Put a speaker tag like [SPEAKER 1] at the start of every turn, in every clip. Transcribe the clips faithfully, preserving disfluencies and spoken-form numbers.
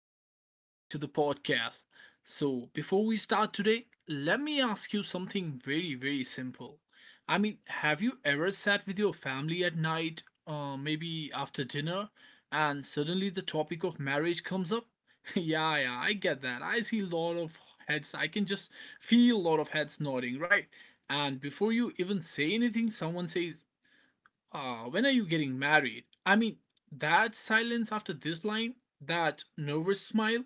[SPEAKER 1] Welcome back to the podcast. So, before we start today, let me ask you something very, very simple. I mean, have you ever sat with your family at night, uh, maybe after dinner, and suddenly the topic of marriage comes up? Yeah, yeah, I get that. I see a lot of heads. I can just feel a lot of heads nodding, right? And before you even say anything, someone says, uh, when are you getting married? I mean, that silence after this line, that nervous smile,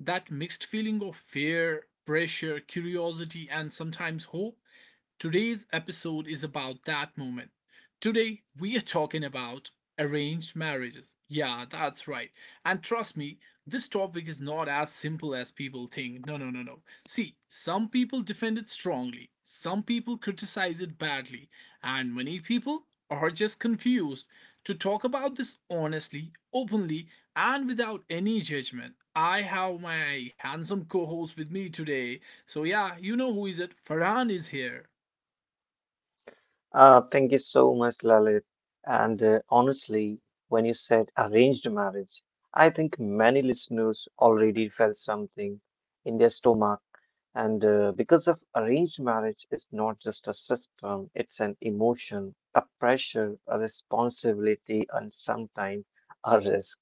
[SPEAKER 1] that mixed feeling of fear, pressure, curiosity, and sometimes hope, today's episode is about that moment. Today, we are talking about arranged marriages. Yeah, that's right. And trust me, this topic is not as simple as people think. No, no, no, no. See, some people defend it strongly, some people criticize it badly, and many people are just confused. To talk about this honestly, openly, and without any judgment, I have my handsome co host with me today. So, yeah, you know who is it. Farhan is here.
[SPEAKER 2] Uh, thank you so much, Lalit. And uh, honestly, when you said arranged marriage, I think many listeners already felt something in their stomach. And uh, because of arranged marriage is not just a system, it's an emotion, a pressure, a responsibility, and sometimes a risk.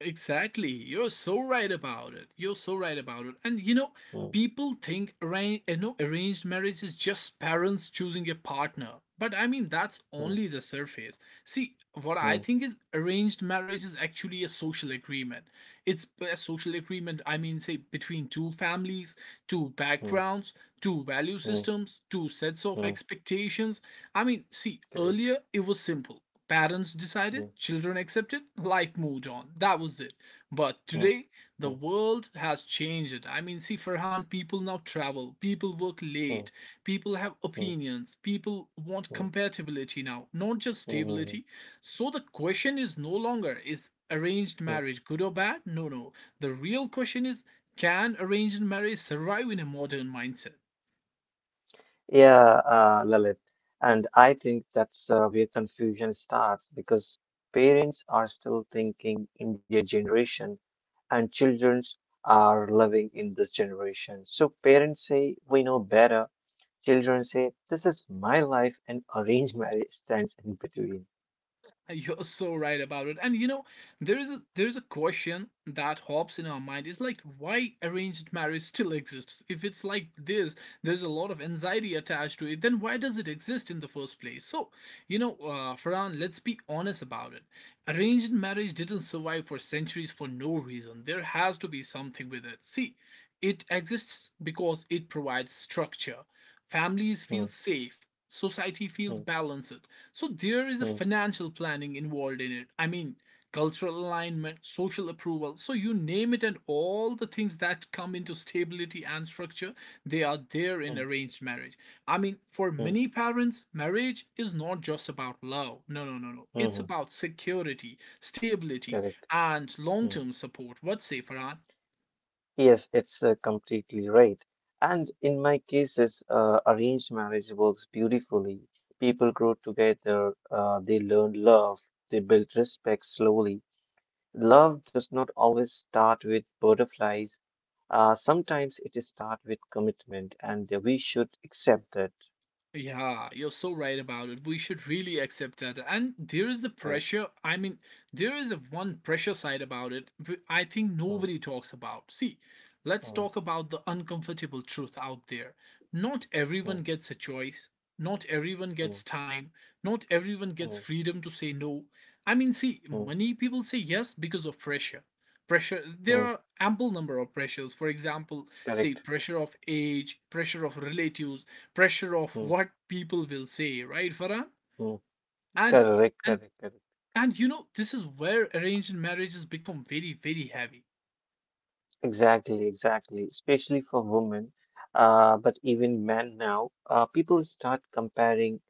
[SPEAKER 1] Exactly. You're so right about it. You're so right about it. And you know,
[SPEAKER 2] Mm,
[SPEAKER 1] people think arranged, you know, arranged marriage is just parents choosing a partner. But I mean, that's
[SPEAKER 2] mm,
[SPEAKER 1] only the surface. See, what I
[SPEAKER 2] mm,
[SPEAKER 1] think is arranged marriage is actually a social agreement. It's a social agreement, I mean, say, between two families, two
[SPEAKER 2] mm,
[SPEAKER 1] backgrounds, two value
[SPEAKER 2] mm,
[SPEAKER 1] systems, two sets of
[SPEAKER 2] mm,
[SPEAKER 1] expectations. I mean, see,
[SPEAKER 2] correct.
[SPEAKER 1] earlier it was simple. Parents decided,
[SPEAKER 2] Mm,
[SPEAKER 1] children accepted, life moved on. That was it.
[SPEAKER 2] mm,
[SPEAKER 1] But today,
[SPEAKER 2] mm,
[SPEAKER 1] the world has changed it. I mean, see, Farhan, people now travel, people work
[SPEAKER 2] mm,
[SPEAKER 1] late, people have
[SPEAKER 2] mm,
[SPEAKER 1] opinions, people want
[SPEAKER 2] mm,
[SPEAKER 1] compatibility now, not just
[SPEAKER 2] mm, mm,
[SPEAKER 1] stability. So the question is no longer is arranged
[SPEAKER 2] mm.
[SPEAKER 1] marriage good or bad? No, no. The real question is can arranged marriage survive in a modern mindset?
[SPEAKER 2] Yeah, uh, Lalit. And I think that's uh, where confusion starts because parents are still thinking in their generation and children are living in this generation. So parents say, we know better. Children say, this is my life and arranged marriage stands in between.
[SPEAKER 1] You're so right about it. And you know, there is a there is a question that hops in our mind. It's like why arranged marriage still exists? If it's like this, there's a lot of anxiety attached to it, then why does it exist in the first place? So, you know, uh, Farhan, let's be honest about it. Arranged marriage didn't survive for centuries for no reason. There has to be something with it. See, it exists because it provides structure, families feel
[SPEAKER 2] Mm,
[SPEAKER 1] safe, society feels
[SPEAKER 2] mm,
[SPEAKER 1] balanced, so there is a
[SPEAKER 2] mm,
[SPEAKER 1] financial planning involved in it. I mean cultural alignment, social approval, so you name it, and all the things that come into stability and structure, they are there in
[SPEAKER 2] mm,
[SPEAKER 1] arranged marriage. I mean, for
[SPEAKER 2] mm,
[SPEAKER 1] many parents marriage is not just about love. No, no, no, no. It's
[SPEAKER 2] mm,
[SPEAKER 1] about security, stability,
[SPEAKER 2] correct.
[SPEAKER 1] and long-term support. What say, Farhan?
[SPEAKER 2] Yes, it's uh, completely right. And in my cases, uh, arranged marriage works beautifully. People grow together, uh, they learn love, they build respect slowly. Love does not always start with butterflies. Uh, sometimes it is start with commitment, and we should accept that.
[SPEAKER 1] Yeah, you're so right about it. We should really accept that. And there is the
[SPEAKER 2] Correct.
[SPEAKER 1] pressure. I mean, there is a one pressure side about it wh- I think
[SPEAKER 2] Mm,
[SPEAKER 1] nobody talks about. See, let's
[SPEAKER 2] mm,
[SPEAKER 1] talk about the uncomfortable truth out there. Not everyone
[SPEAKER 2] mm,
[SPEAKER 1] gets a choice. Not everyone gets
[SPEAKER 2] mm,
[SPEAKER 1] time. Not everyone gets
[SPEAKER 2] mm,
[SPEAKER 1] freedom to say no. I mean, see,
[SPEAKER 2] mm,
[SPEAKER 1] many people say yes because of pressure, pressure. There
[SPEAKER 2] mm.
[SPEAKER 1] are ample number of pressures. For example, say
[SPEAKER 2] Correct.
[SPEAKER 1] pressure of age, pressure of relatives, pressure of
[SPEAKER 2] Mm,
[SPEAKER 1] what people will say, right, Farah?
[SPEAKER 2] mm.
[SPEAKER 1] and
[SPEAKER 2] Correct.
[SPEAKER 1] and
[SPEAKER 2] Correct. Correct.
[SPEAKER 1] and you know this is where arranged marriages become very, very heavy,
[SPEAKER 2] Exactly, exactly. Especially for women, uh, but even men now, uh, people start comparing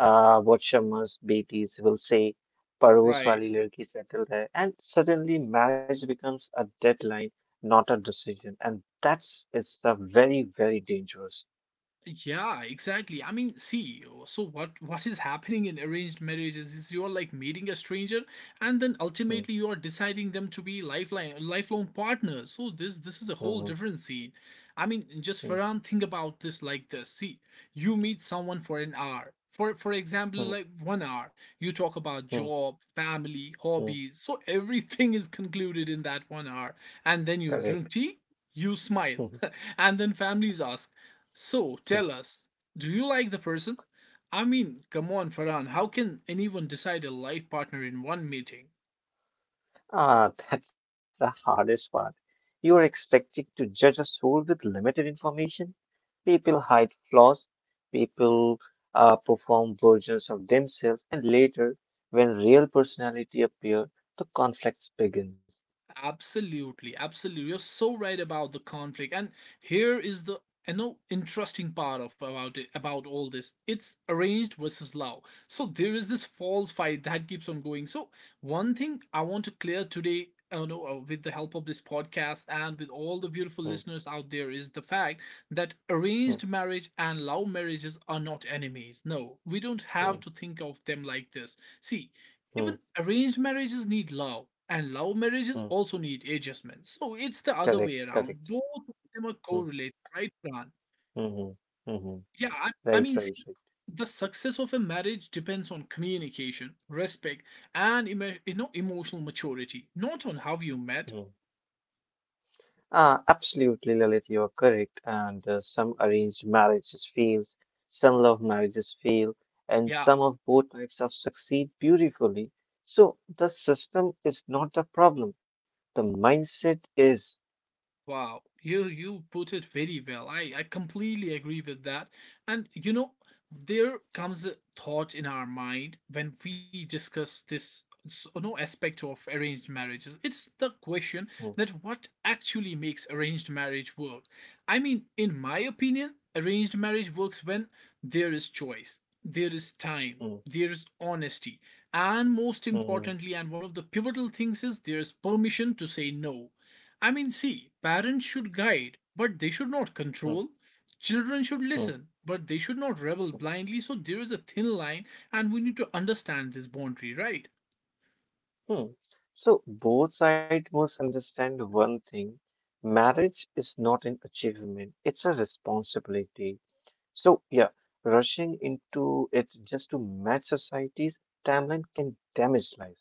[SPEAKER 2] uh, what Sharma's Betis will say, Paros
[SPEAKER 1] right?
[SPEAKER 2] wali ladki settled hai, and suddenly marriage becomes a deadline, not a decision, and that's is a very, very dangerous.
[SPEAKER 1] Yeah, exactly. I mean, see, uh, so what what is happening in arranged marriages is you're like meeting a stranger and then
[SPEAKER 2] Mm,
[SPEAKER 1] ultimately you are deciding them to be lifelong lifelong partners. So this this is a whole
[SPEAKER 2] mm,
[SPEAKER 1] different scene. I mean, just
[SPEAKER 2] mm,
[SPEAKER 1] Farhan, think about this like this. See, you meet someone for an hour. For for example,
[SPEAKER 2] mm,
[SPEAKER 1] like one hour, you talk about
[SPEAKER 2] mm,
[SPEAKER 1] job, family,
[SPEAKER 2] mm,
[SPEAKER 1] hobbies. So everything is concluded in that one hour. And then you
[SPEAKER 2] correct.
[SPEAKER 1] drink tea, you smile. And then families ask, so tell us, do you like the person? I mean, come on, Farhan, how can anyone decide a life partner in one meeting?
[SPEAKER 2] Ah, that's the hardest part. You are expected to judge a soul with limited information. People hide flaws, people uh, perform versions of themselves, and later, when real personality appear, the conflicts begins.
[SPEAKER 1] Absolutely, absolutely. You're so right about the conflict. And here is the, I know, interesting part of about it about all this. It's arranged versus love. So there is this false fight that keeps on going. So one thing I want to clear today, uh, no, uh, with the help of this podcast and with all the beautiful
[SPEAKER 2] Mm,
[SPEAKER 1] listeners out there, is the fact that
[SPEAKER 2] mm,
[SPEAKER 1] arranged marriage and love marriages are not enemies. No, we don't have
[SPEAKER 2] mm,
[SPEAKER 1] to think of them like this. See, even
[SPEAKER 2] mm,
[SPEAKER 1] arranged marriages need love, and love marriages
[SPEAKER 2] mm.
[SPEAKER 1] also need adjustments, so it's the other
[SPEAKER 2] Correct,
[SPEAKER 1] way
[SPEAKER 2] correct.
[SPEAKER 1] around. Both of them are
[SPEAKER 2] Mm,
[SPEAKER 1] correlated, right, Pran?
[SPEAKER 2] mm-hmm, hmm, hmm, hmm.
[SPEAKER 1] Yeah, i, I
[SPEAKER 2] Right,
[SPEAKER 1] mean,
[SPEAKER 2] right,
[SPEAKER 1] see,
[SPEAKER 2] right.
[SPEAKER 1] the success of a marriage depends on communication, respect, and emo- you know, emotional maturity, not on how you
[SPEAKER 2] Hmm.
[SPEAKER 1] met.
[SPEAKER 2] Uh, absolutely, Lalit, you are correct. And uh, some arranged marriages fails, some love marriages fail, and
[SPEAKER 1] Yeah.
[SPEAKER 2] some of both types of succeed beautifully. So the system is not the problem. The mindset is.
[SPEAKER 1] Wow, you you put it very well. I I completely agree with that. And you know, there comes a thought in our mind when we discuss this s- no aspect of arranged marriages. It's the
[SPEAKER 2] Mm,
[SPEAKER 1] question that what actually makes arranged marriage work. I mean, in my opinion, arranged marriage works when there is choice, there is time,
[SPEAKER 2] mm,
[SPEAKER 1] there is honesty, and most
[SPEAKER 2] mm,
[SPEAKER 1] importantly, and one of the pivotal things is there is permission to say no. I mean, see, parents should guide, but they should not
[SPEAKER 2] mm,
[SPEAKER 1] control. Children should
[SPEAKER 2] mm,
[SPEAKER 1] listen, but they should not rebel blindly. So there is a thin line, and we need to understand this boundary, right?
[SPEAKER 2] mm. So both sides must understand one thing. Marriage is not an achievement, it's a responsibility. So, yeah, rushing into it just to match society's timeline can damage life.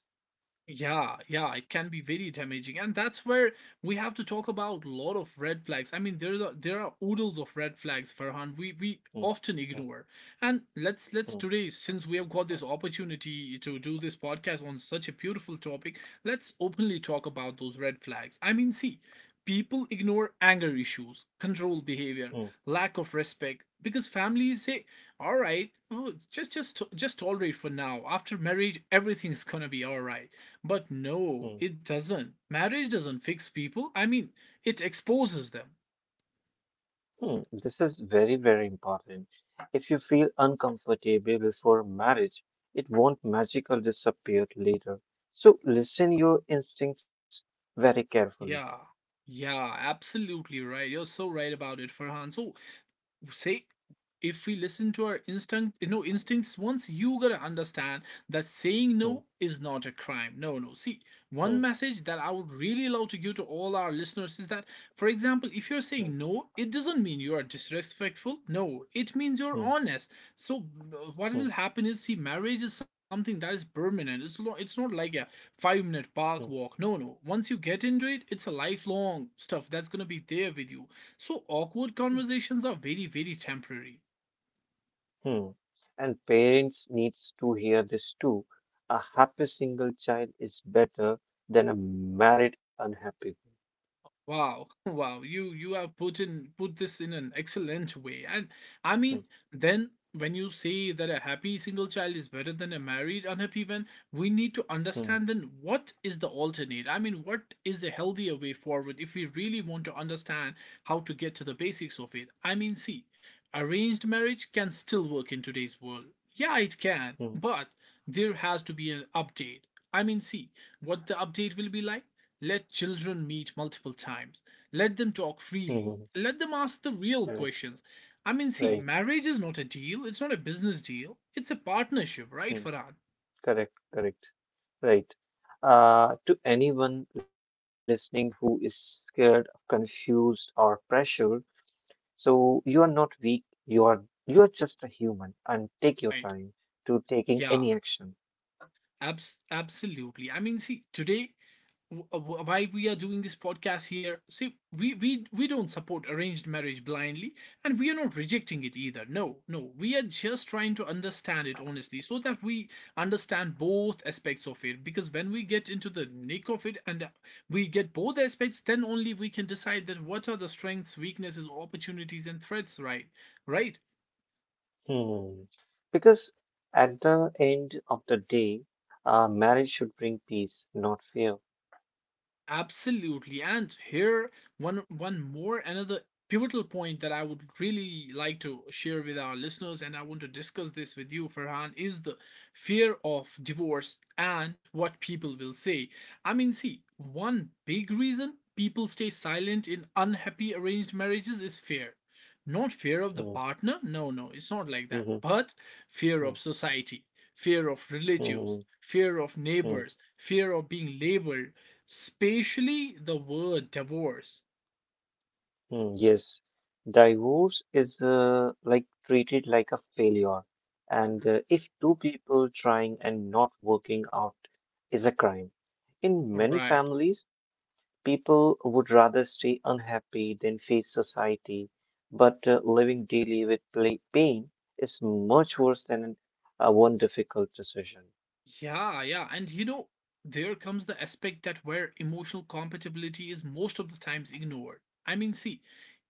[SPEAKER 1] Yeah, yeah, it can be very damaging, and that's where we have to talk about a lot of red flags. I mean, there's a, there are oodles of red flags, Farhan, We we
[SPEAKER 2] Mm,
[SPEAKER 1] often
[SPEAKER 2] mm,
[SPEAKER 1] ignore, and let's let's
[SPEAKER 2] mm,
[SPEAKER 1] today, since we have got this opportunity to do this podcast on such a beautiful topic, let's openly talk about those red flags. I mean, see, people ignore anger issues, control behavior,
[SPEAKER 2] mm,
[SPEAKER 1] lack of respect, because families say, "All right, oh, just just just tolerate for now. After marriage, everything's gonna be all right." But no,
[SPEAKER 2] mm,
[SPEAKER 1] it doesn't. Marriage doesn't fix people. I mean, it exposes them.
[SPEAKER 2] mm. This is very, very important. If you feel uncomfortable before marriage, it won't magically disappear later. So, listen your instincts very carefully.
[SPEAKER 1] Yeah. Yeah, absolutely right. You're so right about it, Farhan. So say, if we listen to our instinct you know, instincts once, you gotta understand that saying
[SPEAKER 2] Mm,
[SPEAKER 1] no is not a crime. No, no. See,
[SPEAKER 2] mm,
[SPEAKER 1] one message that I would really love to give to all our listeners is that, for example, if you're
[SPEAKER 2] mm,
[SPEAKER 1] saying no, it doesn't mean you are disrespectful. No, it means you're
[SPEAKER 2] mm,
[SPEAKER 1] honest. So, uh, what
[SPEAKER 2] mm,
[SPEAKER 1] will happen is, see, marriage is something that is permanent. It's, lo- it's not like a five minute park
[SPEAKER 2] mm.
[SPEAKER 1] walk. No, no. Once you get into it, it's a lifelong stuff that's gonna be there with you. So awkward conversations are very, very temporary.
[SPEAKER 2] Hmm. And parents needs to hear this too. A happy single child is better than a married unhappy
[SPEAKER 1] Wow, wow, you you have put in put this in an excellent way. And I
[SPEAKER 2] one.
[SPEAKER 1] mean, then when you say that a happy single child is better than a married unhappy one, we need to
[SPEAKER 2] Hmm. Hmm.
[SPEAKER 1] understand then what is the alternate? I mean, what is a healthier way forward if we really want to understand how to get to the basics of it? I mean, see, arranged marriage can still work in today's world. Yeah, it can,
[SPEAKER 2] Hmm.
[SPEAKER 1] but there has to be an update. I mean, see, what the update will be like? Let children meet multiple times. Let them talk
[SPEAKER 2] Hmm. Hmm.
[SPEAKER 1] freely. Let them ask the real
[SPEAKER 2] Correct.
[SPEAKER 1] questions. I mean,
[SPEAKER 2] Right.
[SPEAKER 1] see, marriage is not a deal. It's not a business deal. It's a partnership, right,
[SPEAKER 2] Hmm.
[SPEAKER 1] Farhan?
[SPEAKER 2] Correct. Correct. Right. Uh, to anyone listening who is scared, confused, or pressured, so you are not weak. You are you are just a human, and take your
[SPEAKER 1] Right.
[SPEAKER 2] time to taking
[SPEAKER 1] Yeah,
[SPEAKER 2] any action.
[SPEAKER 1] abs- absolutely. I mean, see, today why we are doing this podcast here, see, we we we don't support arranged marriage blindly, and we are not rejecting it either. No, no, we are just trying to understand it honestly so that we understand both aspects of it, because when we get into the nick of it, and uh, we get both aspects, then only we can decide that what are the strengths, weaknesses, opportunities, and threats, right? Right.
[SPEAKER 2] Hmm. Because at the end of the day, uh, marriage should bring peace, not fear.
[SPEAKER 1] Absolutely. And here, one one more another pivotal point that I would really like to share with our listeners and I want to discuss this with you, Farhan, is the fear of divorce and what people will say. I mean, see, one big reason people stay silent in unhappy arranged marriages is fear. Not fear of the
[SPEAKER 2] Hmm.
[SPEAKER 1] partner, no, no, it's not like that,
[SPEAKER 2] Hmm,
[SPEAKER 1] but fear
[SPEAKER 2] hmm,
[SPEAKER 1] of society, fear of
[SPEAKER 2] hmm,
[SPEAKER 1] relatives, fear of
[SPEAKER 2] hmm,
[SPEAKER 1] neighbors, fear of being labeled, spatially, the word divorce.
[SPEAKER 2] hmm. Yes, divorce is uh, like treated like a failure, and uh, if two people trying and not working out is a crime. In many
[SPEAKER 1] Right.
[SPEAKER 2] families, people would rather stay unhappy than face society, but uh, living daily with pla- pain is much worse than uh, one difficult decision.
[SPEAKER 1] Yeah, yeah. And you know, there comes the aspect that where emotional compatibility is most of the times ignored. I mean, see,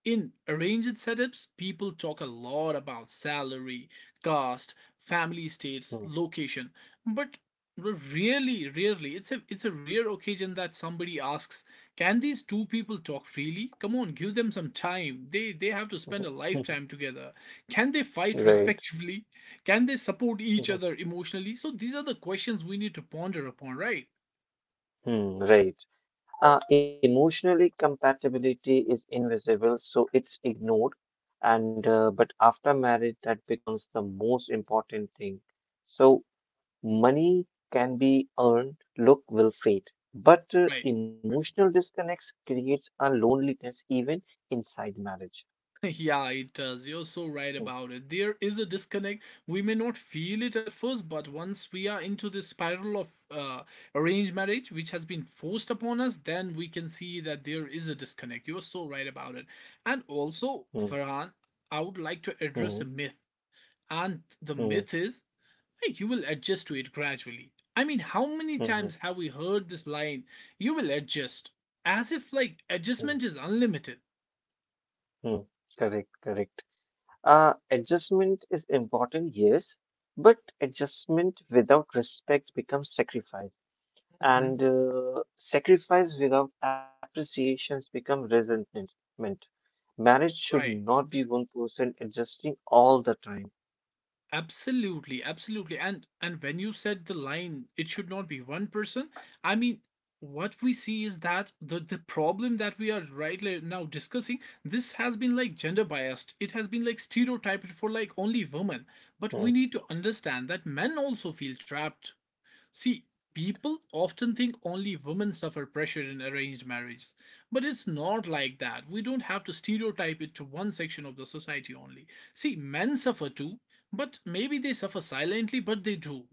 [SPEAKER 1] in arranged setups, people talk a lot about salary, caste, family status,
[SPEAKER 2] Mm.
[SPEAKER 1] location, but r- really, rarely, it's a it's a rare occasion that somebody asks, can these two people talk freely? Come on, give them some time. They they have to spend a lifetime together. Can they fight
[SPEAKER 2] Right.
[SPEAKER 1] respectively? Can they support each
[SPEAKER 2] Mhm.
[SPEAKER 1] other emotionally? So these are the questions we need to ponder upon, right?
[SPEAKER 2] Hmm, right. Uh, emotionally, compatibility is invisible, so it's ignored. And uh, but after marriage, that becomes the most important thing. So money can be earned, look will fade, but uh,
[SPEAKER 1] Right.
[SPEAKER 2] emotional disconnects creates a loneliness even inside marriage.
[SPEAKER 1] Yeah, it does. You're so right
[SPEAKER 2] Mm,
[SPEAKER 1] about it. There is a disconnect. We may not feel it at first, but once we are into this spiral of uh, arranged marriage, which has been forced upon us, then we can see that there is a disconnect. You're so right about it. And also,
[SPEAKER 2] mm,
[SPEAKER 1] Farhan, I would like to
[SPEAKER 2] mm,
[SPEAKER 1] address a myth. And the
[SPEAKER 2] mm,
[SPEAKER 1] myth is, right, you will adjust to it gradually. I mean, how many
[SPEAKER 2] mm, mm,
[SPEAKER 1] times have we heard this line, you will adjust, as if like
[SPEAKER 2] mm,
[SPEAKER 1] adjustment is unlimited?
[SPEAKER 2] mm. Correct, correct. Uh, adjustment is important, yes, but adjustment without respect becomes sacrifice,
[SPEAKER 1] Hmm.
[SPEAKER 2] and uh, sacrifice without appreciations become resentment. Marriage should
[SPEAKER 1] Right.
[SPEAKER 2] not be one person adjusting all the time.
[SPEAKER 1] Absolutely, absolutely. And and when you said the line, it should not be one person. I mean, what we see is that the the problem that we are right li- now discussing, this has been like gender biased. It has been like stereotyped for like only women. But
[SPEAKER 2] Hmm.
[SPEAKER 1] we need to understand that men also feel trapped. See, people often think only women suffer pressure in arranged marriage, but it's not like that. We don't have to stereotype it to one section of the society only. See, men suffer too, but maybe they suffer silently, but they do.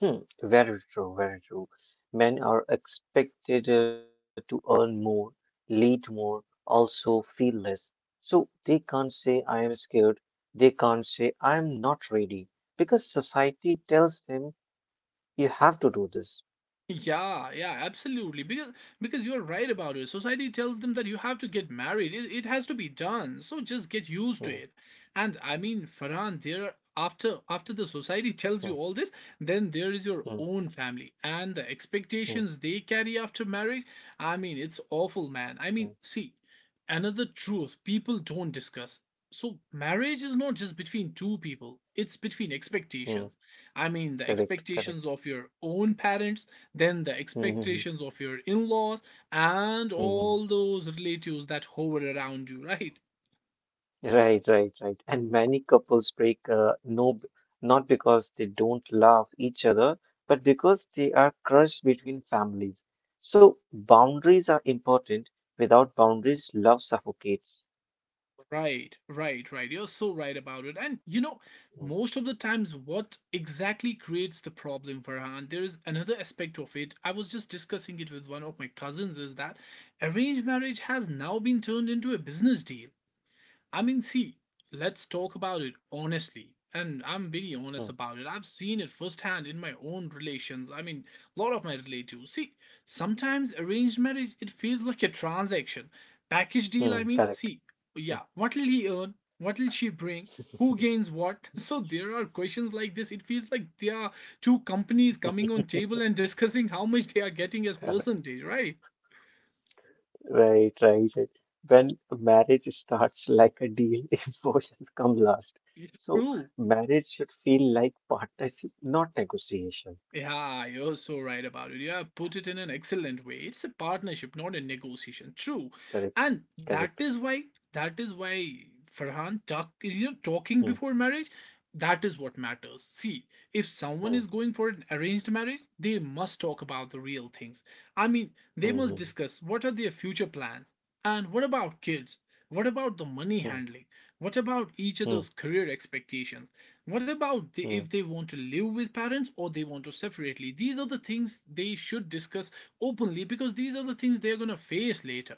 [SPEAKER 2] Hmm, very true, very true. Men are expected uh, to earn more, lead more, also feel less. So they can't say, I am scared. They can't say, I am not ready, because society tells them, you have to do this.
[SPEAKER 1] Yeah, yeah, absolutely. Because because you're right about it. Society tells them that you have to get married. It, it has to be done. So just get used to
[SPEAKER 2] Hmm,
[SPEAKER 1] it. And I mean, Farhan, there after after the society tells you
[SPEAKER 2] hmm,
[SPEAKER 1] all this, then there is your
[SPEAKER 2] hmm,
[SPEAKER 1] own family and the
[SPEAKER 2] hmm,
[SPEAKER 1] expectations they carry after marriage. I mean, it's awful,
[SPEAKER 2] hmm,
[SPEAKER 1] man. I mean, see, another truth people don't discuss. So marriage is not just between two people. It's between
[SPEAKER 2] hmm.
[SPEAKER 1] expectations. I mean, the
[SPEAKER 2] Correct,
[SPEAKER 1] expectations
[SPEAKER 2] correct.
[SPEAKER 1] of your own parents, then the
[SPEAKER 2] Mm-hmm.
[SPEAKER 1] expectations of your in-laws, and all those relatives that hover around you, right?
[SPEAKER 2] Right, right, right. And many couples break uh, no, b- not because they don't love each other, but because they are crushed between families. So boundaries are important. Without boundaries, love suffocates.
[SPEAKER 1] Right, right, right. You're so right about it. And you know
[SPEAKER 2] Mm,
[SPEAKER 1] most of the times, what exactly creates the problem, Farhan, there is another aspect of it. I was just discussing it with one of my cousins, is that arranged marriage has now been turned into a business deal. I mean, see, let's talk about it honestly. And I'm very honest
[SPEAKER 2] mm,
[SPEAKER 1] about it. I've seen it firsthand in my own relations. I mean, a lot of my relatives. See, sometimes arranged marriage, it feels like a transaction. Package deal, I
[SPEAKER 2] mm,
[SPEAKER 1] mean,
[SPEAKER 2] correct,
[SPEAKER 1] see, yeah, what will he earn? What will she bring? Who gains what? So there are questions like this. It feels like there are two companies coming on table and discussing how much they are getting as
[SPEAKER 2] correct.
[SPEAKER 1] percentage, right?
[SPEAKER 2] Right, right, right. When marriage starts like a deal, emotions come last.
[SPEAKER 1] It's
[SPEAKER 2] So
[SPEAKER 1] true.
[SPEAKER 2] marriage should feel like partnership, not negotiation.
[SPEAKER 1] Yeah, you're so right about it. You have put it in an excellent way. It's a partnership, not a negotiation. True,
[SPEAKER 2] Correct,
[SPEAKER 1] and that
[SPEAKER 2] correct.
[SPEAKER 1] is why that is why Farhan, talk you know talking
[SPEAKER 2] Mm,
[SPEAKER 1] before marriage. That is what matters. See, if someone
[SPEAKER 2] mm,
[SPEAKER 1] is going for an arranged marriage, they must talk about the real things. I mean, they must
[SPEAKER 2] mm,
[SPEAKER 1] discuss, what are their future plans and what about kids? What about the money
[SPEAKER 2] mm,
[SPEAKER 1] handling? What about each
[SPEAKER 2] mm,
[SPEAKER 1] other's career expectations? What about the, if
[SPEAKER 2] mm.
[SPEAKER 1] they want to live with parents or they want to separately? These are the things they should discuss openly, because these are the things they're going to face later.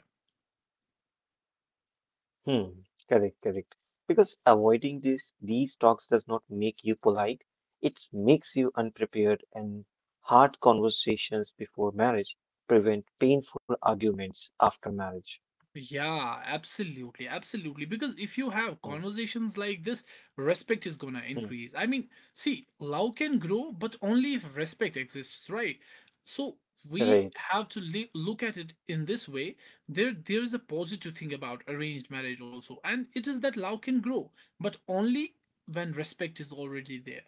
[SPEAKER 2] Hmm, correct, correct. Because avoiding this, these talks does not make you polite. It makes you unprepared and hard conversations before marriage prevent painful arguments after marriage.
[SPEAKER 1] Yeah, absolutely, absolutely. Because if you have
[SPEAKER 2] Mm,
[SPEAKER 1] conversations like this, respect is gonna
[SPEAKER 2] mm.
[SPEAKER 1] increase. I mean, see, love can grow, but only if respect exists, right? So we
[SPEAKER 2] Right.
[SPEAKER 1] have to li- look at it in this way. There, there is a positive thing about arranged marriage also, and it is that love can grow, but only when respect is already there.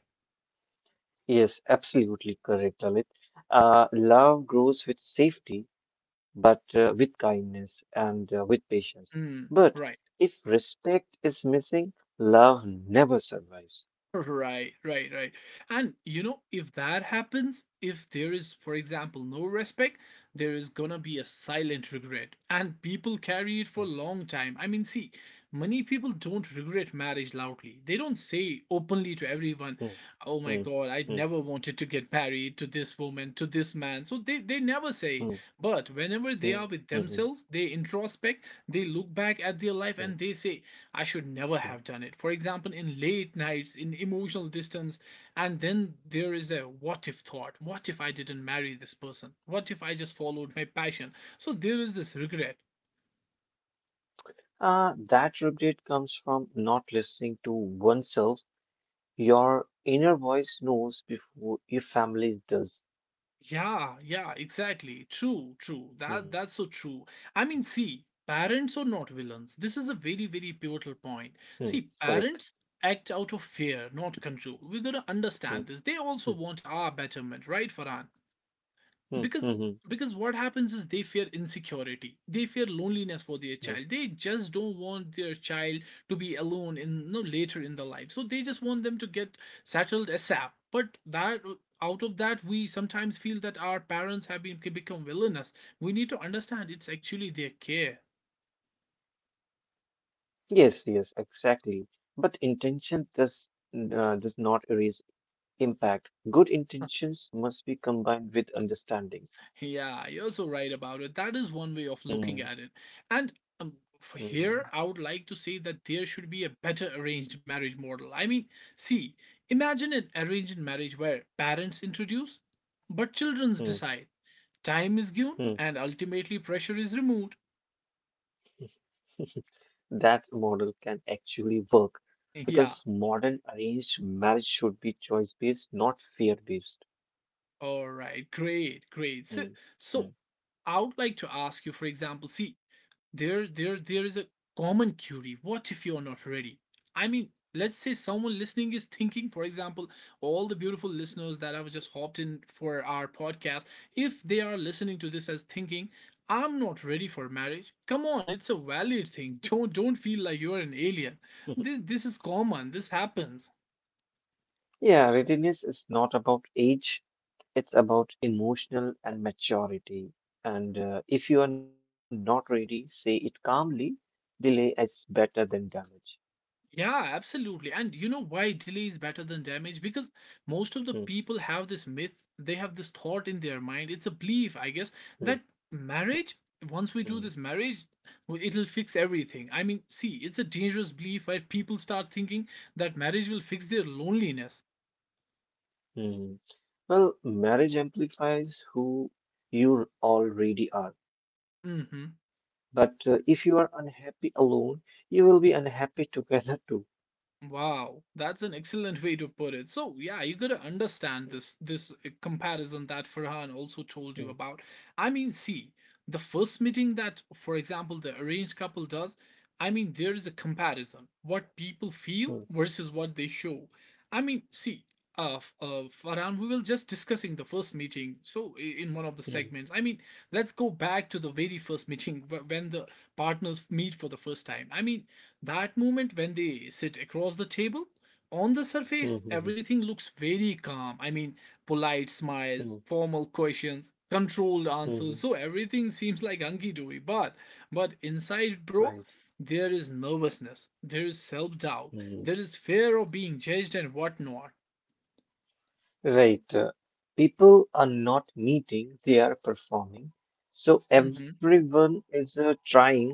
[SPEAKER 2] Yes, absolutely correct, Dalit. Uh, love grows with safety, but uh, with kindness and uh, with patience.
[SPEAKER 1] Mm,
[SPEAKER 2] But
[SPEAKER 1] right.
[SPEAKER 2] if respect is missing, love never survives. Hmm.
[SPEAKER 1] Right, right, right. And you know, if that happens, if there is, for example, no respect, there is gonna be a silent regret. And people carry it for a long time. I mean, see, many people don't regret marriage loudly. They don't say openly to everyone,
[SPEAKER 2] Mm,
[SPEAKER 1] oh my
[SPEAKER 2] mm,
[SPEAKER 1] god, I
[SPEAKER 2] mm,
[SPEAKER 1] never wanted to get married to this woman, to this man, so they, they never say it.
[SPEAKER 2] mm,
[SPEAKER 1] But whenever they
[SPEAKER 2] mm,
[SPEAKER 1] are
[SPEAKER 2] mm,
[SPEAKER 1] with themselves, they introspect, they look back at their
[SPEAKER 2] mm,
[SPEAKER 1] life and they say, I should never
[SPEAKER 2] mm.
[SPEAKER 1] have done it, for example, in late nights, in emotional distance. And then there is a what if thought. What if I didn't marry this person? What if I just followed my passion? So there is this regret.
[SPEAKER 2] Uh, that regret comes from not listening to oneself. Your inner voice knows before your family does.
[SPEAKER 1] Yeah, yeah, exactly. True, true. That
[SPEAKER 2] Mm,
[SPEAKER 1] that's so true. I mean, see, parents are not villains. This is a very, very pivotal
[SPEAKER 2] mm,
[SPEAKER 1] point. See, parents act out of fear, not control. We gotta
[SPEAKER 2] mm,
[SPEAKER 1] understand this. They
[SPEAKER 2] mm,
[SPEAKER 1] also want our betterment, right, Farhan?
[SPEAKER 2] mm,
[SPEAKER 1] because
[SPEAKER 2] mm, mm,
[SPEAKER 1] because what happens is, they fear insecurity, they fear loneliness for their
[SPEAKER 2] mm.
[SPEAKER 1] child. They just don't want their child to be alone in, no, later in the life, so they just want them to get settled asap. But that, out of that, we sometimes feel that our parents have been, become villainous. We need to understand it's actually their care.
[SPEAKER 2] Yes, yes, exactly. But intention does uh, does not erase impact. Good intentions must be combined with understandings.
[SPEAKER 1] Yeah, you're so right about it. That is one way of looking at
[SPEAKER 2] Mm,
[SPEAKER 1] it. And um, for here,
[SPEAKER 2] mm,
[SPEAKER 1] I would like to say that there should be a better arranged marriage model. I mean, see, imagine an arranged marriage where parents introduce, but childrens decide.
[SPEAKER 2] mm,
[SPEAKER 1] Time is given, and
[SPEAKER 2] mm,
[SPEAKER 1] ultimately pressure is removed.
[SPEAKER 2] mm. That model can actually work
[SPEAKER 1] Yeah,
[SPEAKER 2] because modern arranged marriage should be choice based, not fear based.
[SPEAKER 1] all right, great, great. So,
[SPEAKER 2] Mm,
[SPEAKER 1] so
[SPEAKER 2] mm.
[SPEAKER 1] I would like to ask you, for example, see, there there there is a common query, what if you're not ready? I mean, let's say someone listening is thinking, for example, all the beautiful listeners that have just hopped in for our podcast, if they are listening to this as thinking, I'm not ready for marriage, come on, it's a valid thing. don't don't feel like you're an alien. This, this is common, this happens.
[SPEAKER 2] Yeah, readiness is not about age, it's about emotional and maturity. And uh, if you are not ready, say it calmly. Delay is better than damage.
[SPEAKER 1] Yeah, absolutely. And you know why delay is better than damage? Because most of the
[SPEAKER 2] Mm,
[SPEAKER 1] people have this myth, they have this thought in their mind. It's a belief, I guess,
[SPEAKER 2] mm,
[SPEAKER 1] that marriage,
[SPEAKER 2] mm,
[SPEAKER 1] once we do this marriage, w- it'll fix everything. I mean, see, it's a dangerous belief, where people start thinking that marriage will fix their loneliness.
[SPEAKER 2] mm. Well, marriage amplifies who you already are. But uh,
[SPEAKER 1] Hmm.
[SPEAKER 2] if you are unhappy alone, you will be unhappy together too.
[SPEAKER 1] Wow, that's an excellent way to put it. So yeah, you gotta understand this this uh, comparison that Farhan also told
[SPEAKER 2] Mm,
[SPEAKER 1] you about. I mean, see, the first meeting that, for example, the arranged couple does, I mean, there is a comparison, what people feel
[SPEAKER 2] mm,
[SPEAKER 1] versus what they show. I mean, see, uh, f- uh, Farhan, we were just discussing the first meeting. So, i- in one of the
[SPEAKER 2] mm,
[SPEAKER 1] segments, I mean, let's go back to the very first meeting, wh- when the partners meet for the first time. I mean, that moment when they sit across the table, on the
[SPEAKER 2] mm,
[SPEAKER 1] surface,
[SPEAKER 2] mm,
[SPEAKER 1] everything looks very calm. I mean, polite smiles,
[SPEAKER 2] mm,
[SPEAKER 1] formal questions, controlled
[SPEAKER 2] mm.
[SPEAKER 1] answers. So everything seems like hunky dory. But but inside,
[SPEAKER 2] Right.
[SPEAKER 1] bro, there is nervousness, there is self doubt,
[SPEAKER 2] Mm.
[SPEAKER 1] there is fear of being judged and whatnot.
[SPEAKER 2] Right. uh, People are not meeting, they are performing. So
[SPEAKER 1] Hmm.
[SPEAKER 2] everyone is uh, trying,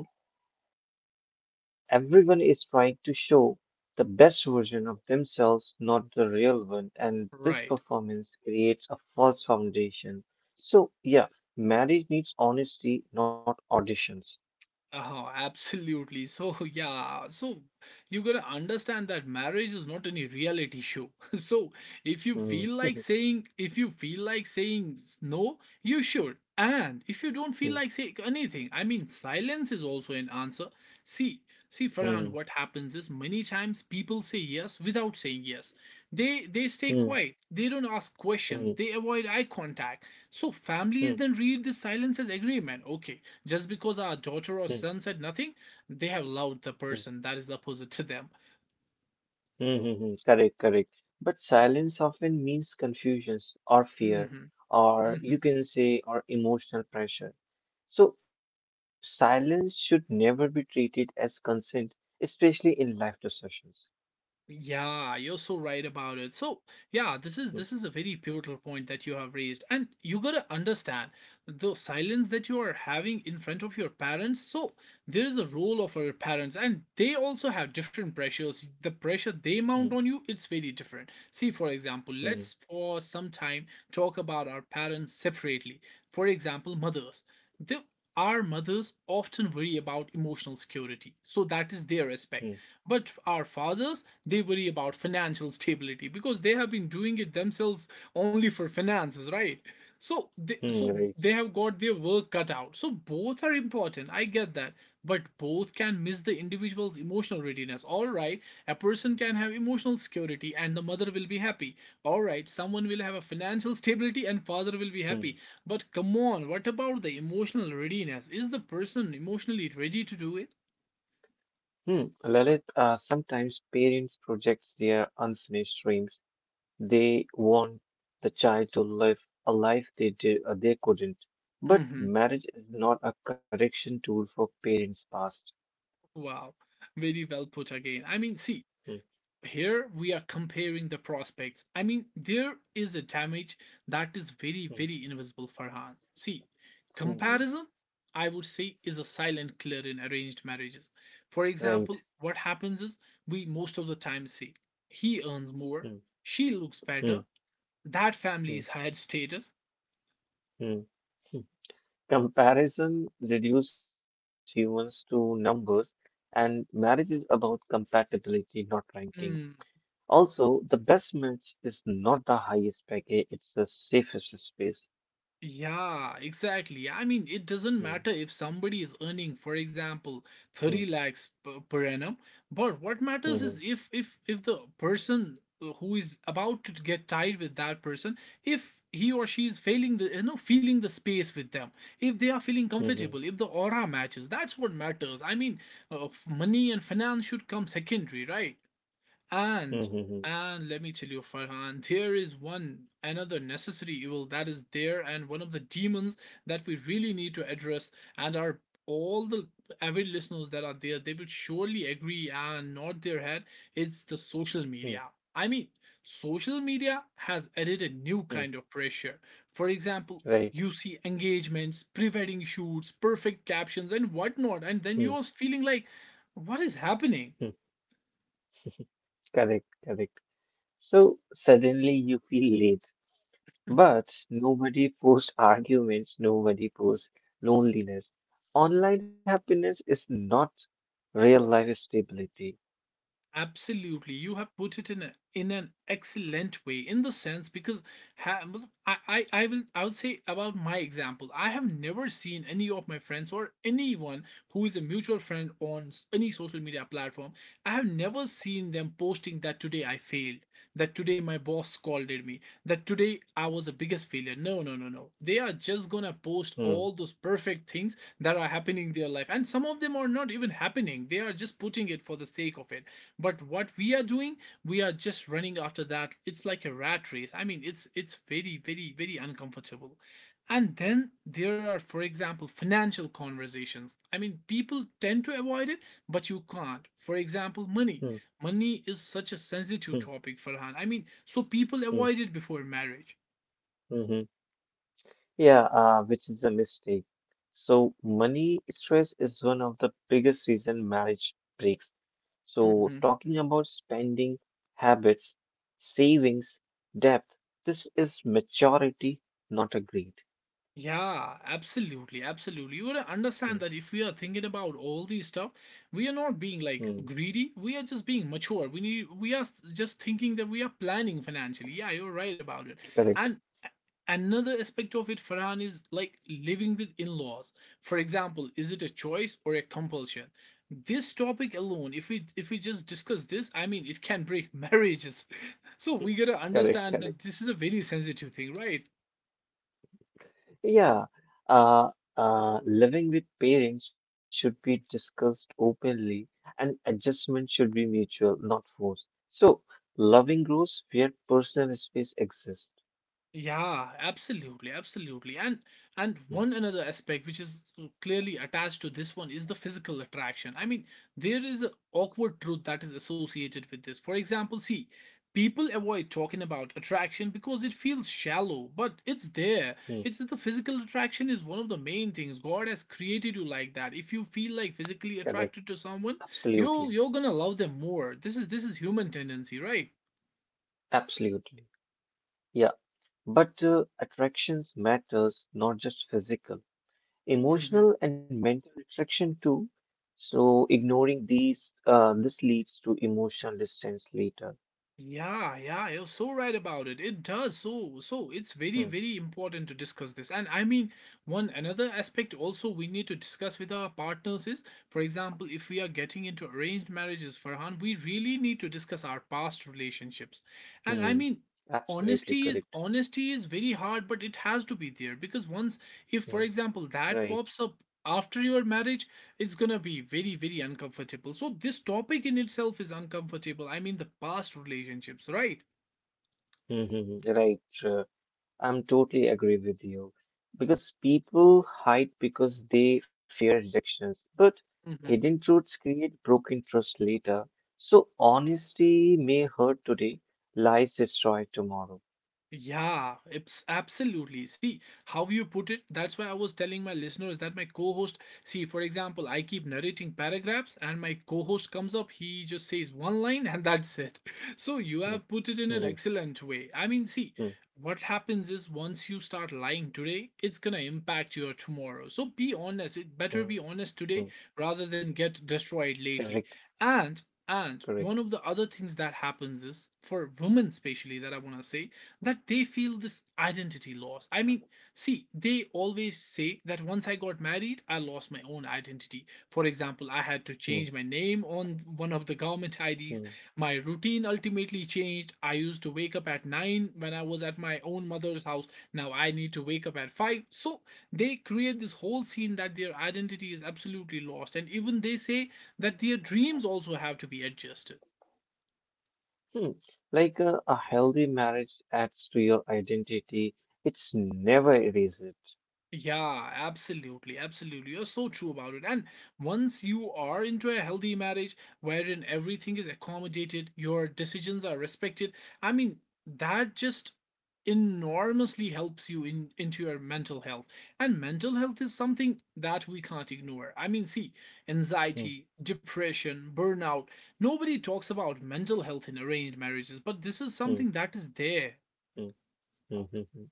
[SPEAKER 2] uh, everyone is trying to show the best version of themselves, not the real one. And this
[SPEAKER 1] Right.
[SPEAKER 2] performance creates a false foundation. So, yeah, marriage needs honesty, not auditions.
[SPEAKER 1] Oh, absolutely. So, yeah, so you gotta understand that marriage is not any reality show. So, if you
[SPEAKER 2] Hmm.
[SPEAKER 1] feel like saying, if you feel like saying s- no, you should. And if you don't feel
[SPEAKER 2] Mm,
[SPEAKER 1] like saying anything, I mean, silence is also an answer. See, see,
[SPEAKER 2] mm,
[SPEAKER 1] Farhan, what happens is, many times people say yes without saying yes. They they stay
[SPEAKER 2] mm,
[SPEAKER 1] quiet. They don't ask questions.
[SPEAKER 2] mm,
[SPEAKER 1] They avoid eye contact. So families
[SPEAKER 2] mm,
[SPEAKER 1] then read the silence as agreement. Okay, just because our daughter
[SPEAKER 2] mm,
[SPEAKER 1] or son said nothing, they have loved the
[SPEAKER 2] mm,
[SPEAKER 1] person that is opposite to them.
[SPEAKER 2] mm, mm. Correct, correct. But silence often means confusions or fear,
[SPEAKER 1] Hmm.
[SPEAKER 2] or you
[SPEAKER 1] Hmm.
[SPEAKER 2] can say, or emotional pressure. So silence should never be treated as consent, especially in life discussions.
[SPEAKER 1] Yeah, you're so right about it. So, yeah, this
[SPEAKER 2] Mm,
[SPEAKER 1] is this is a very pivotal point that you have raised. And you got to understand the silence that you are having in front of your parents. So, there is a role of our parents, and they also have different pressures. The pressure they mount
[SPEAKER 2] mm,
[SPEAKER 1] on you, it's very different. See, for example,
[SPEAKER 2] mm,
[SPEAKER 1] let's for some time talk about our parents separately. For example, mothers. The our mothers often worry about emotional security. So that is their aspect,
[SPEAKER 2] mm,
[SPEAKER 1] but our fathers, they worry about financial stability, because they have been doing it themselves only for finances, right? So they,
[SPEAKER 2] mm,
[SPEAKER 1] so
[SPEAKER 2] right.
[SPEAKER 1] they have got their work cut out. So both are important. I get that, but both can miss the individual's emotional readiness. All right, a person can have emotional security and the mother will be happy. All right, someone will have a financial stability and father will be
[SPEAKER 2] Mm.
[SPEAKER 1] happy. But come on, what about the emotional readiness? Is the person emotionally ready to do it?
[SPEAKER 2] Hmm. Lalit, uh, sometimes parents project their unfinished dreams. They want the child to live a life they did, uh, they couldn't. But
[SPEAKER 1] Mhm.
[SPEAKER 2] marriage is not a correction tool for parents' past.
[SPEAKER 1] Wow, very well put again. I mean, see,
[SPEAKER 2] Mm,
[SPEAKER 1] here we are comparing the prospects. I mean, there is a damage that is very,
[SPEAKER 2] mm,
[SPEAKER 1] very invisible, Farhan. See,
[SPEAKER 2] mm.
[SPEAKER 1] comparison, I would say, is a silent killer in arranged marriages. For
[SPEAKER 2] Right.
[SPEAKER 1] example, what happens is we most of the time see he earns
[SPEAKER 2] Mm,
[SPEAKER 1] more, she looks
[SPEAKER 2] mm,
[SPEAKER 1] better, that
[SPEAKER 2] mm,
[SPEAKER 1] family is higher status.
[SPEAKER 2] mm. Comparison reduces humans to numbers, and marriage is about compatibility, not ranking.
[SPEAKER 1] Hmm.
[SPEAKER 2] Also, the best match is not the highest package, it's the safest space.
[SPEAKER 1] Yeah, exactly. I mean, it doesn't matter
[SPEAKER 2] Mm,
[SPEAKER 1] if somebody is earning, for example,
[SPEAKER 2] mm,
[SPEAKER 1] thirty lakhs per, per annum, but what matters is
[SPEAKER 2] mhm,
[SPEAKER 1] if if if the person uh, who is about to get tied with that person, if he or she is failing the you know feeling the space with them, if they are feeling
[SPEAKER 2] mhm,
[SPEAKER 1] comfortable, if the aura matches, that's what matters. I mean, uh, f- money and finance should come secondary, right? And
[SPEAKER 2] mhm, mhm,
[SPEAKER 1] and let me tell you, Farhan, there is one another necessary evil that is there, and one of the demons that we really need to address. And our all the avid listeners that are there, they will surely agree and nod their head. It's the social
[SPEAKER 2] mm,
[SPEAKER 1] media. I mean, social media has added a new kind
[SPEAKER 2] mm.
[SPEAKER 1] of pressure. For example, you
[SPEAKER 2] Right.
[SPEAKER 1] see engagements, pre wedding shoots, perfect captions, and whatnot,
[SPEAKER 2] Mm,
[SPEAKER 1] and then you're feeling like, what is happening?
[SPEAKER 2] mm, correct, correct. So suddenly you feel late, but nobody posts arguments, nobody posts loneliness. Online happiness is not real life stability.
[SPEAKER 1] Absolutely, you have put it in a, in an excellent way, in the sense because ha, matlab, I, I I will I would say about my example. I have never seen any of my friends or anyone who is a mutual friend on any social media platform. I have never seen them posting that today I failed, that today my boss scolded me, that today I was the biggest failure. No, no, no, no. They are just gonna post all
[SPEAKER 2] Mm,
[SPEAKER 1] those perfect things that are happening in their life. And some of them are not even happening. They are just putting it for the sake of it. But what we are doing, we are just running after that. It's like a rat race. I mean, it's it's very, very, very uncomfortable. And then there are, for example, financial conversations. I mean, people tend to avoid it, but you can't. For
[SPEAKER 2] mm,
[SPEAKER 1] example, money. Money is such a
[SPEAKER 2] mm,
[SPEAKER 1] sensitive topic, Farhan. I mean, so people
[SPEAKER 2] mm,
[SPEAKER 1] avoid it before marriage.
[SPEAKER 2] mhm. Yeah, uh, which is a mistake. So money stress is one of the biggest reason marriage breaks. So talking about spending habits, savings, debt, this is maturity, not a greed.
[SPEAKER 1] Yeah, absolutely, absolutely. You gotta
[SPEAKER 2] Mm,
[SPEAKER 1] understand that if we are thinking about all these stuff, we are not being like
[SPEAKER 2] mm,
[SPEAKER 1] greedy. We are just being mature. We need. We are s- just thinking that we are planning financially. Yeah, you're right about it.
[SPEAKER 2] correct.
[SPEAKER 1] And a- Another aspect of it, Farhan, is like living with in-laws. For example, is it a choice or a compulsion? This topic alone, if we if we just discuss this, I mean, it can break marriages. So we gotta
[SPEAKER 2] Correct,
[SPEAKER 1] understand
[SPEAKER 2] correct.
[SPEAKER 1] that this is a very sensitive thing, right?
[SPEAKER 2] Yeah, uh, uh, living with parents should be discussed openly, and adjustment should be mutual, not forced. So, loving grows where personal space exists.
[SPEAKER 1] Yeah, absolutely, absolutely. And and one
[SPEAKER 2] Hmm,
[SPEAKER 1] another aspect which is clearly attached to this one is the physical attraction. I mean, there is an awkward truth that is associated with this. For example, see, people avoid talking about attraction because it feels shallow, but it's there.
[SPEAKER 2] hmm,
[SPEAKER 1] It's the physical attraction is one of the main things. God has created you like that. If you feel like physically
[SPEAKER 2] correct.
[SPEAKER 1] attracted to someone,
[SPEAKER 2] Absolutely.
[SPEAKER 1] you you're gonna love them more. This is this is human tendency, right?
[SPEAKER 2] Absolutely. Yeah. But uh, attractions matters, not just physical, emotional and mental attraction too. So, ignoring these, uh, this leads to emotional distance later.
[SPEAKER 1] Yeah, yeah, you're so right about it. It does. So, so it's very,
[SPEAKER 2] Hmm.
[SPEAKER 1] very important to discuss this. And I mean, one another aspect also we need to discuss with our partners is, for example, if we are getting into arranged marriages, Farhan, we really need to discuss our past relationships. And I
[SPEAKER 2] Hmm.
[SPEAKER 1] mean,
[SPEAKER 2] Absolutely
[SPEAKER 1] honesty is
[SPEAKER 2] correct.
[SPEAKER 1] honesty is very hard, but it has to be there because once, if for
[SPEAKER 2] Mm.
[SPEAKER 1] example, that
[SPEAKER 2] Right.
[SPEAKER 1] pops up after your marriage, it's gonna be very very uncomfortable, so this topic in itself is uncomfortable. I mean, the past relationships, right?
[SPEAKER 2] Hmm. Right. uh, I'm totally agree with you because people hide because they fear rejections, but
[SPEAKER 1] Hmm.
[SPEAKER 2] hidden truths create broken trust later. So honesty may hurt today, lies destroy tomorrow.
[SPEAKER 1] Yeah, it's absolutely. See how you put it. That's why I was telling my listeners that my co-host. See, for example, I keep narrating paragraphs, and my co-host comes up. He just says one line, and that's it. So
[SPEAKER 2] Mm,
[SPEAKER 1] you have put it
[SPEAKER 2] mm,
[SPEAKER 1] in an excellent way. I mean,
[SPEAKER 2] mm,
[SPEAKER 1] see, what happens is once you start lying today, it's gonna impact your tomorrow. So be honest. It better
[SPEAKER 2] mm.
[SPEAKER 1] be honest today rather than get
[SPEAKER 2] Correct.
[SPEAKER 1] destroyed lately. And
[SPEAKER 2] Correct.
[SPEAKER 1] and one of the other things that happens is for women, especially that I want to say that they feel this identity loss. I mean, see, they always say that once I got married, I lost my own identity. For example, I
[SPEAKER 2] Mm,
[SPEAKER 1] had to change my name on one of the government
[SPEAKER 2] mm,
[SPEAKER 1] I Ds. My routine ultimately changed. I used to wake up at nine when I was at my own mother's house. Now I need to wake up at five. So they create this whole scene that their identity is absolutely lost. And even they say that their dreams also have to be adjusted.
[SPEAKER 2] mm. Like a, a healthy marriage adds to your identity. It's never erased.
[SPEAKER 1] Yeah, absolutely, absolutely. You're so true about it. And once you are into a healthy marriage wherein everything is accommodated, your decisions are respected, I mean, that just enormously helps you in into your mental health. And mental health is something that we can't ignore. I mean, see,
[SPEAKER 2] Mm,
[SPEAKER 1] anxiety, depression, burnout. Nobody talks about mental health in arranged marriages, but this is
[SPEAKER 2] mm,
[SPEAKER 1] something that is there.
[SPEAKER 2] mm, mm, mm, mm.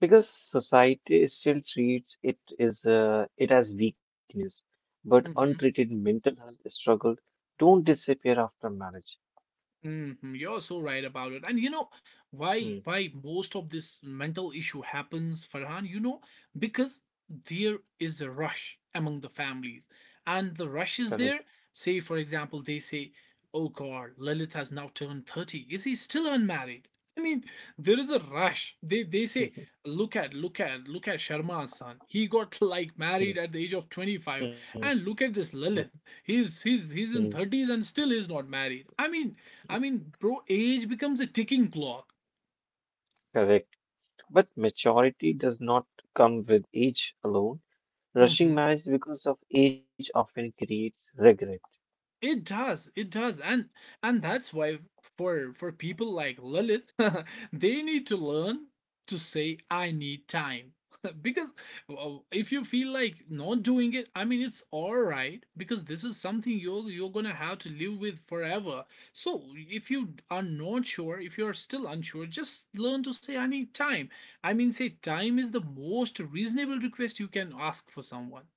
[SPEAKER 2] Because society still treats it is uh, it as weakness, but
[SPEAKER 1] Mm-hmm.
[SPEAKER 2] untreated mental health struggle don't disappear after marriage.
[SPEAKER 1] Hmm. You're so right about it. And you know why
[SPEAKER 2] Hmm,
[SPEAKER 1] why most of this mental issue happens, Farhan? You know, because there is a rush among the families. And the rush is
[SPEAKER 2] correct.
[SPEAKER 1] there. Say, for example, they say, oh God, Lilith has now turned thirty. Is he still unmarried? I mean, there is a rush. They they say, look at, look at, look at Sharma's son. He got like married
[SPEAKER 2] Hmm,
[SPEAKER 1] at the age of twenty-five.
[SPEAKER 2] hmm,
[SPEAKER 1] And look at this Lilith. He's he's he's
[SPEAKER 2] hmm,
[SPEAKER 1] in thirties and still is not married. I mean, I mean, bro, age becomes a ticking clock.
[SPEAKER 2] correct. But maturity does not come with age alone. Rushing
[SPEAKER 1] Hmm.
[SPEAKER 2] marriage because of age often creates regret.
[SPEAKER 1] It does, it does, and and that's why for for people like Lilith they need to learn to say I need time. Because well, if you feel like not doing it, I mean it's all right because this is something you're you're gonna have to live with forever. So if you are not sure, if you are still unsure, just learn to say I need time. I mean, say time is the most reasonable request you can ask for someone.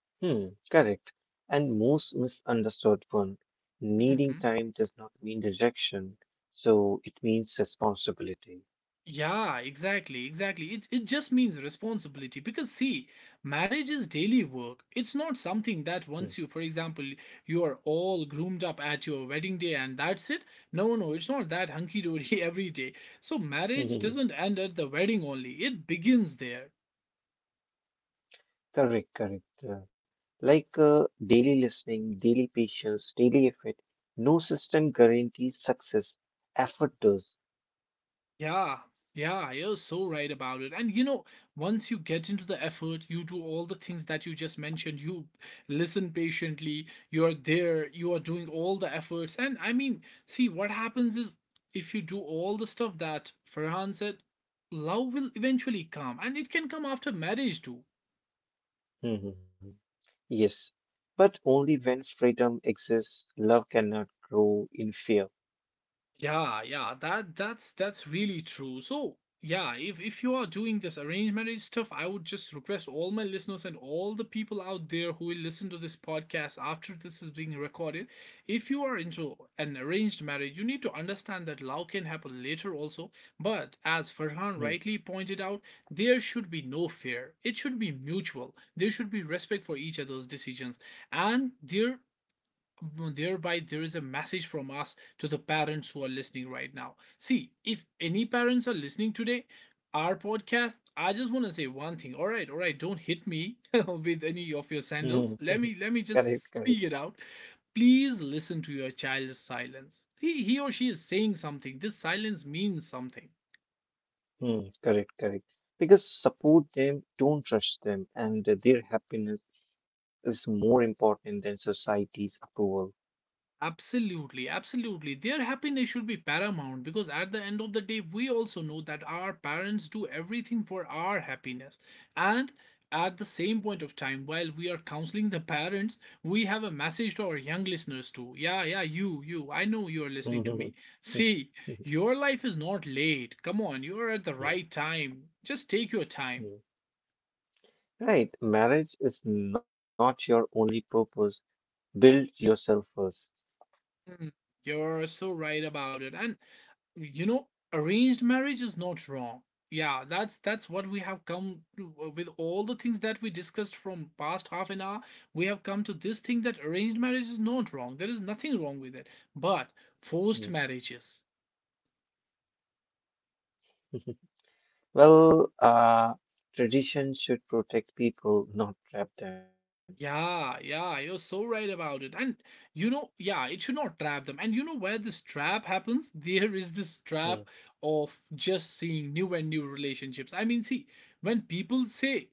[SPEAKER 2] Hmm, correct. And most misunderstood one, needing
[SPEAKER 1] Mhm.
[SPEAKER 2] time does not mean rejection, so it means responsibility.
[SPEAKER 1] Yeah, exactly, exactly. It it just means responsibility because see, marriage is daily work. It's not something that once you, for example, you are all groomed up at your wedding day and that's it. No, no, it's not that hunky dory every day. So marriage
[SPEAKER 2] Hmm.
[SPEAKER 1] doesn't end at the wedding only. It begins there.
[SPEAKER 2] Correct, correct. uh, Like uh, daily listening, daily patience, daily effort. No system guarantees success. Effort does.
[SPEAKER 1] Yeah, yeah, you're so right about it. And you know, once you get into the effort, you do all the things that you just mentioned. You listen patiently, you're there, you are doing all the efforts. And I mean, see, what happens is if you do all the stuff that Farhan said, love will eventually come. And it can come after marriage too.
[SPEAKER 2] Mhm. Yes, but only when freedom exists, love cannot grow in fear.
[SPEAKER 1] Yeah, yeah, that that's that's really true. So yeah, if if you are doing this arranged marriage stuff, I would just request all my listeners and all the people out there who will listen to this podcast after this is being recorded. If you are into an arranged marriage, you need to understand that love can happen later also. But as
[SPEAKER 2] Mm.
[SPEAKER 1] Farhan rightly pointed out, there should be no fear. It should be mutual. There should be respect for each other's decisions, and there thereby there is a message from us to the parents who are listening right now. See, if any parents are listening today our podcast, I just want to say one thing, all right, all right, don't hit me with any of your
[SPEAKER 2] Mhm.
[SPEAKER 1] sandals. Let me let me
[SPEAKER 2] Correct,
[SPEAKER 1] just
[SPEAKER 2] correct.
[SPEAKER 1] speak it out. Please listen to your child's silence. He, he or she is saying something. This silence means something.
[SPEAKER 2] Mm, correct, correct. Because support them, don't rush them, and their happiness is more important than society's approval.
[SPEAKER 1] Absolutely, absolutely. Their happiness should be paramount because at the end of the day, we also know that our parents do everything for our happiness. And at the same point of time, while we are counseling the parents, we have a message to our young listeners too. Yeah, yeah, you, you. I know you are listening to
[SPEAKER 2] Mhm.
[SPEAKER 1] me.
[SPEAKER 2] Mm, mm,
[SPEAKER 1] See, your life is not late. Come on, you are at the
[SPEAKER 2] mm.
[SPEAKER 1] right time. Just take your time.
[SPEAKER 2] Right, marriage is not your only purpose. Build yourself first.
[SPEAKER 1] Mm. You're so right about it. And you know arranged marriage is not wrong. Yeah, that's that's what we have come to- uh, with all the things that we discussed from past half an hour, we have come to this thing that arranged marriage is not wrong. There is nothing wrong with it, but forced
[SPEAKER 2] Mm.
[SPEAKER 1] marriages.
[SPEAKER 2] Well, uh, tradition should protect people, not trap them.
[SPEAKER 1] Yeah, yeah, you're so right about it. And you know, yeah, it should not trap them. And you know where this trap happens there is this
[SPEAKER 2] Mm,
[SPEAKER 1] trap of just seeing new and new relationships. I mean, see, when people say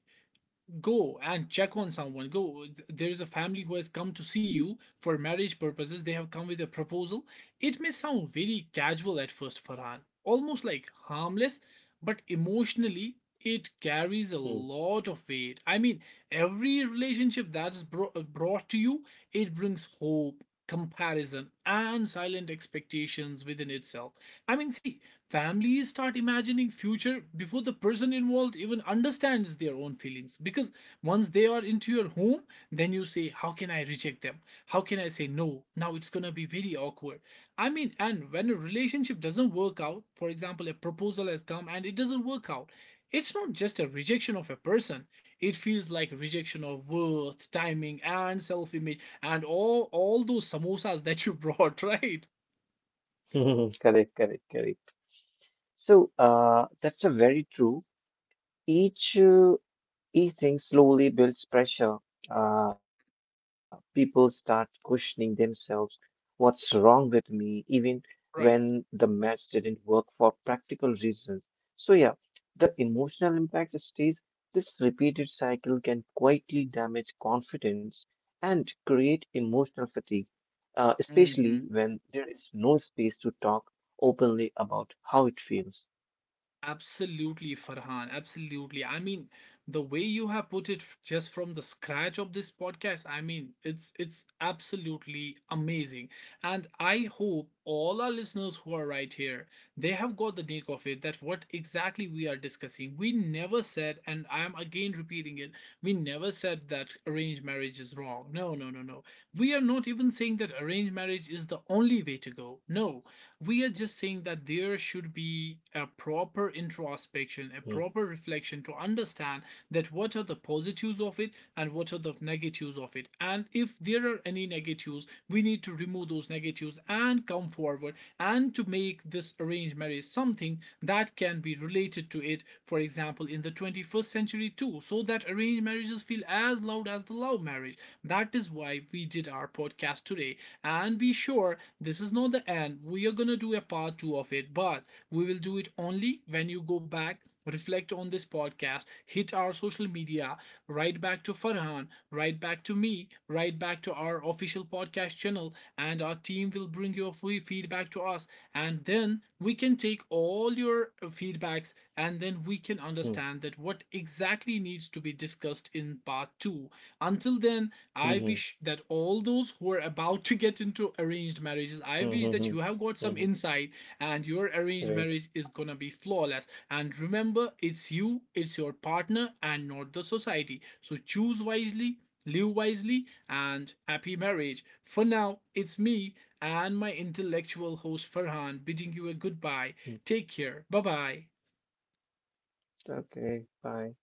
[SPEAKER 1] go and check on someone, go, there is a family who has come to see you for marriage purposes, they have come with a proposal. It may sound very casual at first, Farhan, almost like harmless, but emotionally it carries a lot of weight. I mean, every relationship that's bro- brought to you, it brings hope, comparison, and silent expectations within itself. I mean, see, families start imagining future before the person involved even understands their own feelings because once they are into your home, then you say, how can I reject them? How can I say no? Now it's gonna be very awkward. I mean, and when a relationship doesn't work out, for example, a proposal has come and it doesn't work out, it's not just a rejection of a person, it feels like rejection of worth, timing, and self image, and all, all those samosas that you brought, right?
[SPEAKER 2] mm. Correct, correct, correct. So, uh, that's a very true. Each uh, Eating slowly builds pressure. Uh, people start questioning themselves. What's wrong with me? Even when the
[SPEAKER 1] Right.
[SPEAKER 2] match didn't work for practical reasons. So, yeah, the emotional impact stays. This repeated cycle can quietly damage confidence and create emotional fatigue, uh, especially
[SPEAKER 1] Hmm.
[SPEAKER 2] when there is no space to talk openly about how it feels.
[SPEAKER 1] Absolutely, Farhan. Absolutely. I mean, the way you have put it f- just from the scratch of this podcast, I mean, it's it's absolutely amazing. And I hope all our listeners who are right here, they have got the nick of it that what exactly we are discussing. We never said, and I am again repeating it, we never said that arranged marriage is wrong. No, no, no, no. We are not even saying that arranged marriage is the only way to go. No, we are just saying that there should be a proper introspection, a
[SPEAKER 2] Mm,
[SPEAKER 1] proper reflection to understand that what are the positives of it and what are the negatives, positives of it, and if there are any negatives, we need to remove those negatives and come forward and to make this arranged marriage something that can be related to it, for example, in the twenty-first century too, so that arranged marriages feel as loud as the love marriage. That is why we did our podcast today. And be sure this is not the end. We are going to do a part two of it, but we will do it only when you go back, reflect on this podcast, hit our social media, write back to Farhan, write back to me, write back to our official podcast channel, and our team will bring your free feedback to us. And then we can take all your uh, feedbacks and then we can understand that what exactly needs to be discussed in part two. Until then, I
[SPEAKER 2] mm-hmm,
[SPEAKER 1] wish that all those those who are about to get into arranged marriages, I wish that you
[SPEAKER 2] mm-hmm,
[SPEAKER 1] have got some
[SPEAKER 2] hmm,
[SPEAKER 1] insight and your arranged
[SPEAKER 2] right.
[SPEAKER 1] marriage is gonna be flawless. And remember, it's you, it's your partner, and not the society. So choose wisely, live wisely, and happy marriage. For now, it's me and my intellectual host Farhan bidding you a goodbye. Take care. Bye bye.
[SPEAKER 2] Okay, bye.